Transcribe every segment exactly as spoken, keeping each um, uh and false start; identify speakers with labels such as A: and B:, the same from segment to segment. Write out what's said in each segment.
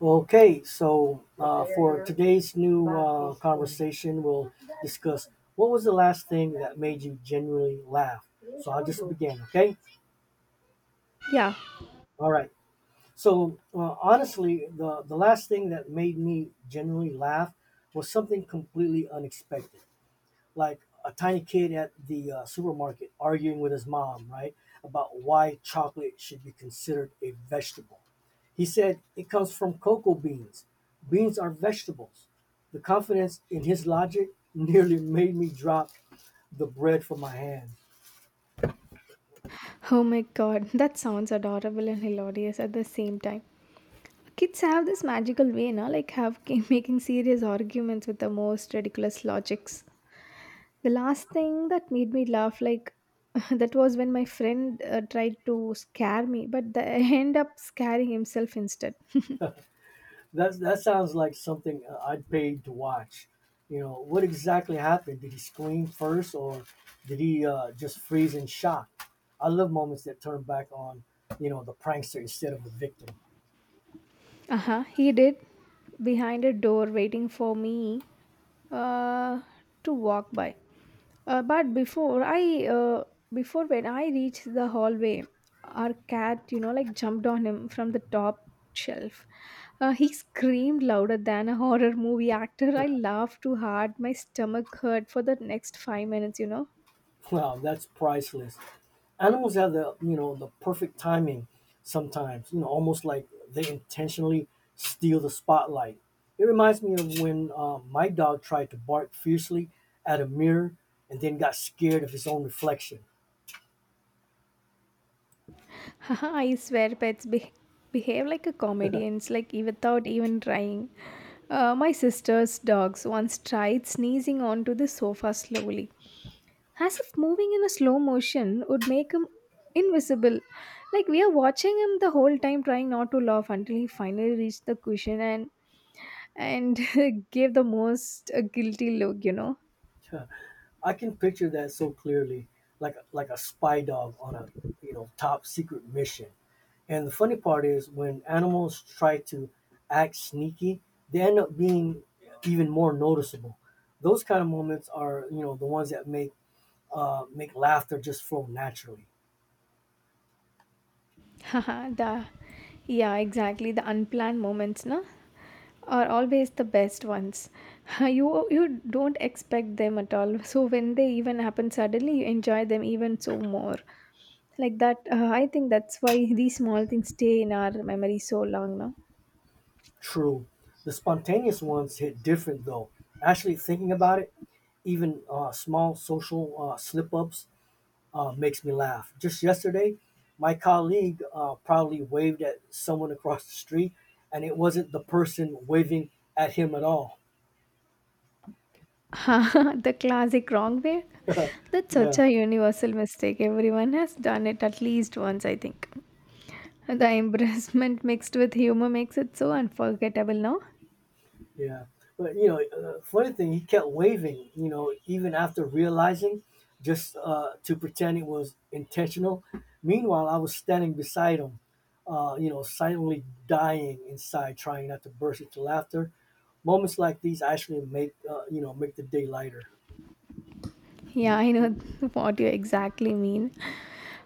A: Okay, so uh, for today's new uh, conversation, we'll discuss what was the last thing that made you genuinely laugh. So I'll just begin, okay?
B: Yeah.
A: All right. So uh, honestly, the, the last thing that made me genuinely laugh was something completely unexpected, like a tiny kid at the uh, supermarket arguing with his mom, right, about why chocolate should be considered a vegetable. He said it comes from cocoa beans. Beans are vegetables. The confidence in his logic nearly made me drop the bread from my hand.
B: Oh my god, that sounds adorable and hilarious at the same time. Kids have this magical way, na, like have making serious arguments with the most ridiculous logics. The last thing that made me laugh, like that was when my friend uh, tried to scare me, but the, end up scaring himself instead.
A: That, that sounds like something uh, I'd paid to watch. You know, what exactly happened? Did he scream first or did he uh, just freeze in shock? I love moments that turn back on, you know, the prankster instead of the victim.
B: Uh huh. He did. Behind a door, waiting for me uh, to walk by. Uh, but before I, uh, Before when I reached the hallway, our cat, you know, like jumped on him from the top shelf. Uh, he screamed louder than a horror movie actor. I laughed too hard. My stomach hurt for the next five minutes, you know.
A: Wow, that's priceless. Animals have the you know the perfect timing sometimes, you know almost like they intentionally steal the spotlight. It reminds me of when uh, my dog tried to bark fiercely at a mirror and then got scared of his own reflection.
B: Haha, I swear pets be- behave like a comedians, like e- without even trying. Uh, my sister's dogs once tried sneezing onto the sofa slowly, as if moving in a slow motion would make him invisible. Like we are watching him the whole time, trying not to laugh until he finally reached the cushion and and gave the most uh, guilty look, you know.
A: I can picture that so clearly, like like a spy dog on a, you know top secret mission. And the funny part is when animals try to act sneaky, they end up being even more noticeable. Those kind of moments are, you know the ones that make uh, make laughter just flow naturally.
B: Haha, the Yeah, exactly the unplanned moments, na, are always the best ones. You you don't expect them at all. So when they even happen suddenly, you enjoy them even so more. Like that, uh, I think that's why these small things stay in our memory so long now.
A: True. The spontaneous ones hit different though. Actually, thinking about it, even uh, small social uh, slip ups uh, makes me laugh. Just yesterday, my colleague uh, proudly waved at someone across the street, and it wasn't the person waving at him at all.
B: The classic wrong way. That's such
A: Yeah.
B: a universal mistake. Everyone has done it at least once, I think. The embarrassment mixed with humor makes it so unforgettable now.
A: Yeah, but you know, uh, funny thing, he kept waving. You know, even after realizing, just uh, to pretend it was intentional. Meanwhile, I was standing beside him, uh, you know, silently dying inside, trying not to burst into laughter. Moments like these actually make uh, you know make the day lighter.
B: Yeah, I know what you exactly mean.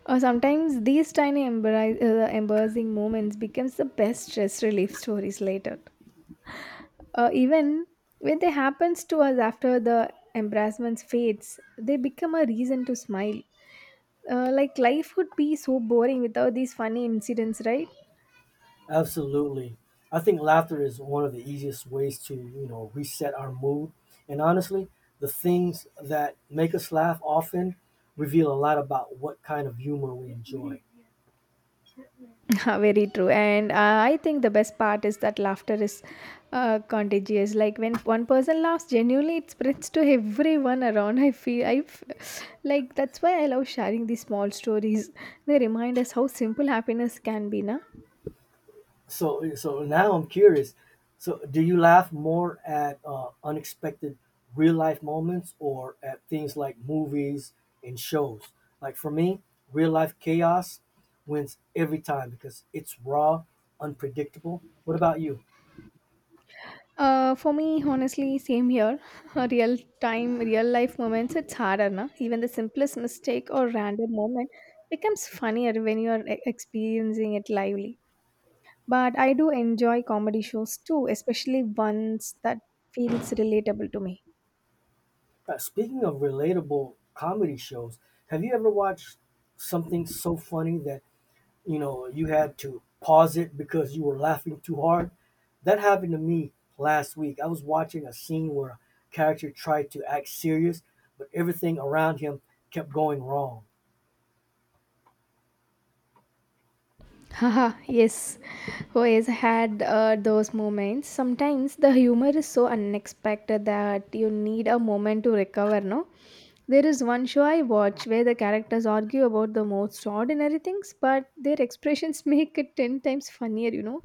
B: Or sometimes these tiny embarrass- uh, embarrassing moments becomes the best stress relief stories later. Uh, even when they happens to us after the embarrassments fades, they become a reason to smile. Uh, like life would be so boring without these funny incidents, right?
A: Absolutely. I think laughter is one of the easiest ways to, you know, reset our mood. And honestly, the things that make us laugh often reveal a lot about what kind of humor we enjoy.
B: Very true. And uh, I think the best part is that laughter is uh, contagious. Like when one person laughs genuinely, it spreads to everyone around. I feel I f- Like that's why I love sharing these small stories. They remind us how simple happiness can be, na?
A: So so now I'm curious. So do you laugh more at uh, unexpected real life moments, or at things like movies and shows? Like for me, real life chaos wins every time because it's raw, unpredictable. What about you?
B: Uh, for me, honestly, same here. A real time, real life moments, it's harder, na? Even the simplest mistake or random moment becomes funnier when you are e- experiencing it lively. But I do enjoy comedy shows too, especially ones that feels relatable to me.
A: Uh, speaking of relatable comedy shows, have you ever watched something so funny that you know you had to pause it because you were laughing too hard? That happened to me last week. I was watching a scene where a character tried to act serious, but everything around him kept going wrong.
B: Haha, yes. Oh, yes, I had uh, those moments. Sometimes the humor is so unexpected that you need a moment to recover, no? There is one show I watch where the characters argue about the most ordinary things, but their expressions make it ten times funnier, you know?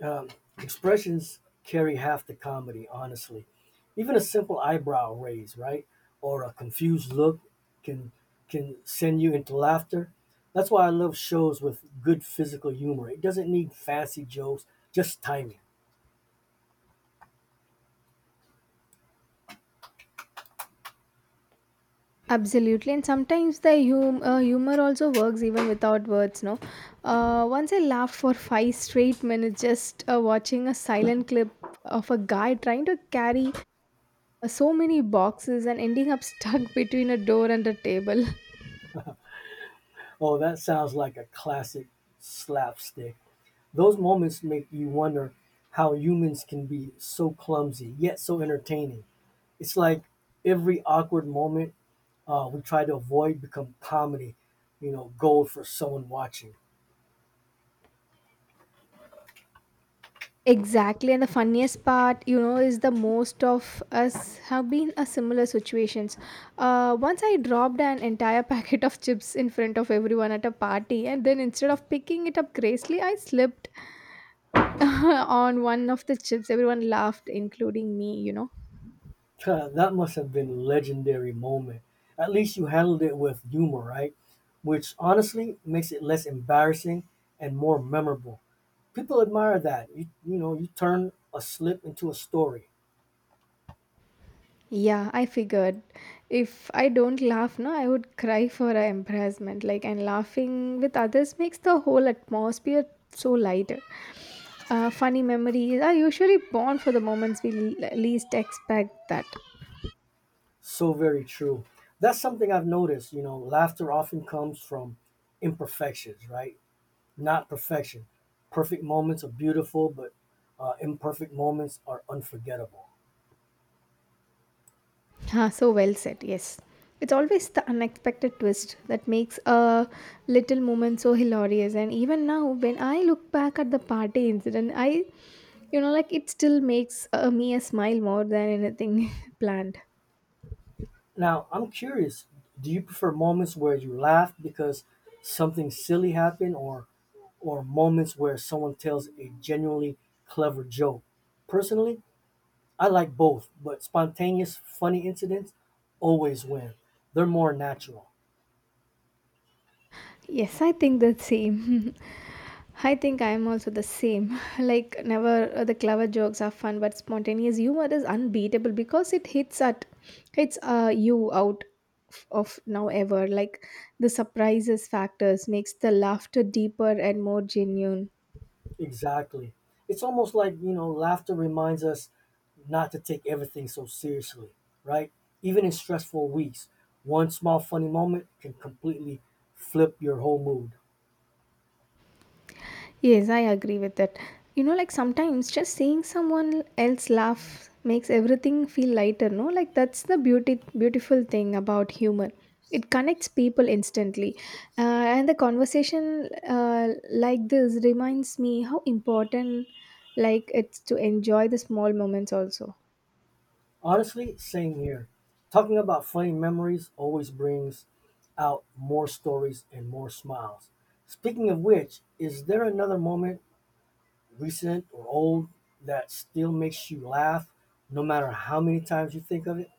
A: Um, Expressions carry half the comedy, honestly. Even a simple eyebrow raise, right, or a confused look can can send you into laughter. That's why I love shows with good physical humor. It doesn't need fancy jokes, just timing.
B: Absolutely, and sometimes the hum- uh, humor also works even without words. No, uh, once I laughed for five straight minutes just uh, watching a silent clip of a guy trying to carry uh, so many boxes and ending up stuck between a door and a table.
A: Oh, that sounds like a classic slapstick. Those moments make you wonder how humans can be so clumsy yet so entertaining. It's like every awkward moment uh, we try to avoid become comedy, you know, gold for someone watching.
B: Exactly, and the funniest part, you know, is the most of us have been a similar situations. Uh, once I dropped an entire packet of chips in front of everyone at a party, and then instead of picking it up gracefully, I slipped on one of the chips. Everyone laughed including me, you know.
A: That must have been a legendary moment. At least you handled it with humor, right? Which honestly makes it less embarrassing and more memorable. People admire that. You, you know, you turn a slip into a story.
B: Yeah, I figured if I don't laugh, no, I would cry for a embarrassment, like, and laughing with others makes the whole atmosphere so lighter. Uh, funny memories are usually born for the moments we le- least expect that.
A: So very true. That's something I've noticed. You know, laughter often comes from imperfections, right? Not perfection. Perfect moments are beautiful, but uh, imperfect moments are unforgettable.
B: Ah, so well said, yes. It's always the unexpected twist that makes a little moment so hilarious. And even now, when I look back at the party incident, I, you know, like it still makes uh, me a smile more than anything planned.
A: Now, I'm curious, do you prefer moments where you laugh because something silly happened, or or moments where someone tells a genuinely clever joke? Personally, I like both, but spontaneous funny incidents always win. They're more natural.
B: Yes, I think the same. I think I'm also the same. Like, never uh, the clever jokes are fun, but spontaneous humor is unbeatable because it hits at hits uh, you out f- of now ever. Like, the surprises factors makes the laughter deeper and more genuine.
A: Exactly. It's almost like, you know, laughter reminds us not to take everything so seriously, right? Even in stressful weeks, one small funny moment can completely flip your whole mood.
B: Yes, I agree with that. You know, like sometimes just seeing someone else laugh makes everything feel lighter, no? Like that's the beauty beautiful thing about humor. It connects people instantly. Uh, and the conversation uh, like this reminds me how important like it's to enjoy the small moments also.
A: Honestly, same here. Talking about funny memories always brings out more stories and more smiles. Speaking of which, is there another moment, recent or old, that still makes you laugh no matter how many times you think of it?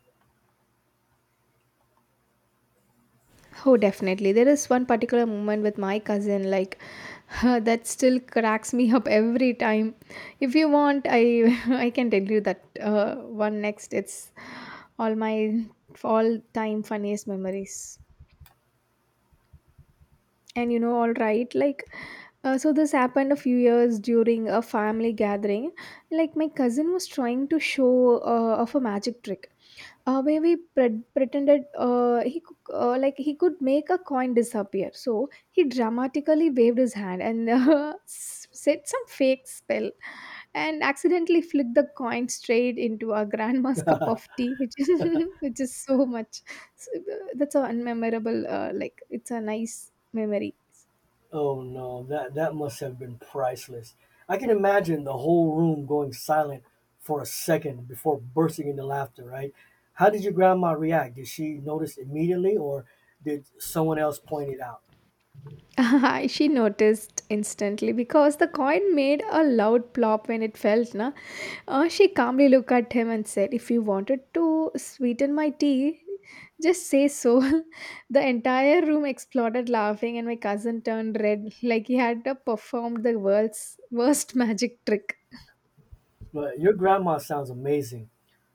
B: Oh, definitely. There is one particular moment with my cousin, like that still cracks me up every time. If you want, I I can tell you that uh, one next. It's all my all time funniest memories. And you know, all right, like uh, so this happened a few years during a family gathering. Like my cousin was trying to show uh, off a magic trick, uh, where we pre- pretended uh, he cou- uh, like he could make a coin disappear. So he dramatically waved his hand and uh, s- said some fake spell and accidentally flicked the coin straight into our grandma's cup of tea, which is which is so much. So, uh, that's a unmemorable. Uh, like it's a nice memory.
A: Oh no, that that must have been priceless. I can imagine the whole room going silent for a second before bursting into laughter, right? How did your grandma react? Did she notice immediately, or did someone else point it out?
B: She noticed instantly because the coin made a loud plop when it fell. Na? Uh, she calmly looked at him and said, "If you wanted to sweeten my tea, just say so." The entire room exploded laughing, and my cousin turned red like he had uh, performed the world's worst magic trick.
A: But your grandma sounds amazing,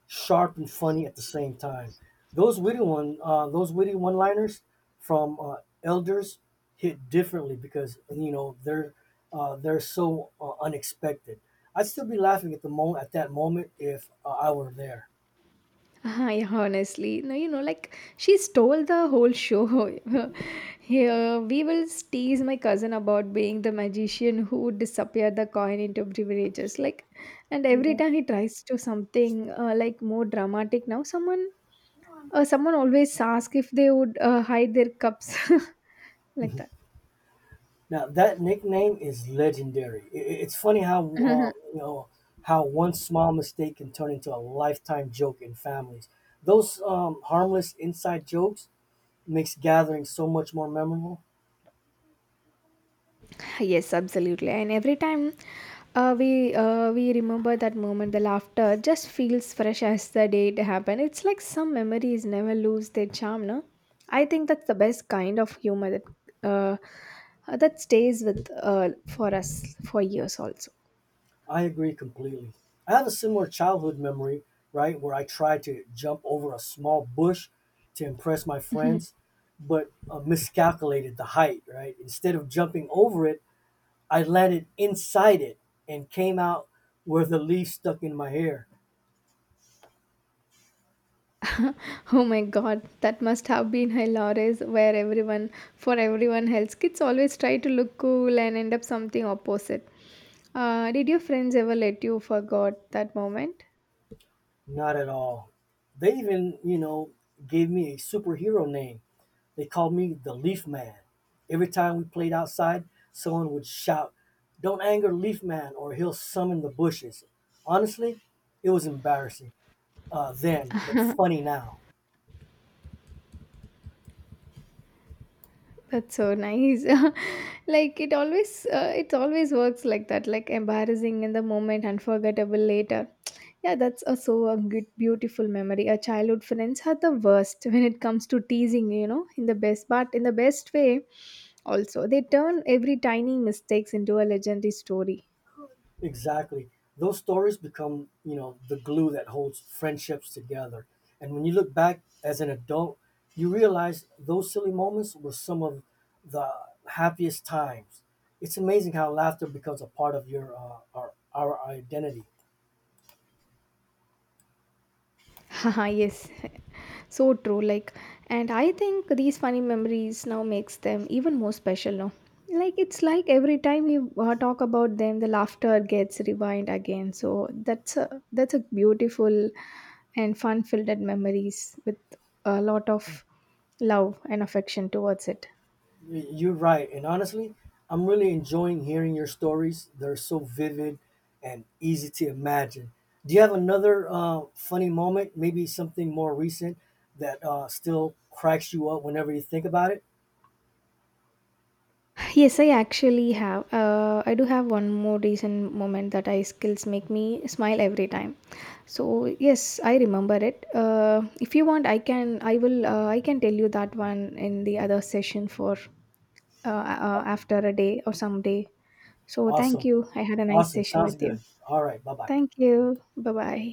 A: sharp and funny at the same time. Those witty one, uh, those witty one-liners from uh, elders hit differently because you know they're uh, they're so uh, unexpected. I'd still be laughing at the moment at that moment if uh, I were there.
B: I honestly, no, you know, like she stole the whole show. Here, we will tease my cousin about being the magician who disappeared the coin into beverages. Like, and every
A: Now
B: time he tries to something uh, like more dramatic now, someone, uh, someone always asks if they would uh, hide their cups like that.
A: that nickname is legendary. I- i- It's funny how uh, you know how one small mistake can turn into a lifetime joke in families. Those um, harmless inside jokes makes gatherings so much more memorable.
B: Yes, absolutely. And every time Uh, we uh, we remember that moment. The laughter just feels fresh as the day it happened. It's like some memories never lose their charm, no? I think that's the best kind of humor that uh, uh, that stays with uh, for us for years also.
A: I agree completely. I have a similar childhood memory, right, where I tried to jump over a small bush to impress my friends, but uh, miscalculated the height, right? Instead of jumping over it, I landed inside it and came out where the leaf stuck in my hair.
B: Oh my god, that must have been hilarious. Where everyone For everyone else, kids always try to look cool and end up something opposite. Uh, did your friends ever let you forget that moment?
A: Not at all. They even, you know, gave me a superhero name. They called me the Leaf Man. Every time we played outside, someone would shout, "Don't anger Leaf Man, or he'll summon the bushes." Honestly, it was embarrassing uh, then, but funny now.
B: That's so nice. Like it always, uh, it always works like that. Like embarrassing in the moment, unforgettable later. Yeah, that's also a good, beautiful memory. Our childhood friends are the worst when it comes to teasing. You know, in the best, but in the best way. Also, they turn every tiny mistakes into a legendary story.
A: Exactly. Those stories become, you know, the glue that holds friendships together. And when you look back as an adult, you realize those silly moments were some of the happiest times. It's amazing how laughter becomes a part of your uh, our, our identity.
B: Haha, yes. So true. Like, and I think these funny memories now makes them even more special now. Like, it's like every time we uh, talk about them, the laughter gets revived again. So that's a that's a beautiful and fun-filled memories with a lot of love and affection towards it.
A: Y- You're right. And honestly, I'm really enjoying hearing your stories. They're so vivid and easy to imagine. Do you have another uh, funny moment, maybe something more recent that uh, still cracks you up whenever you think about it?
B: Yes, I actually have. Uh, I do have one more recent moment that I skills make me smile every time. So yes, I remember it. Uh, if you want, I can. I will. Uh, I can tell you that one in the other session for uh, uh,
A: Aw-
B: after a day or some day. So thank
A: Awesome.
B: you. I had a nice
A: Awesome.
B: session
A: Sounds
B: with you.
A: good. All right. Bye bye.
B: Thank you. Bye bye.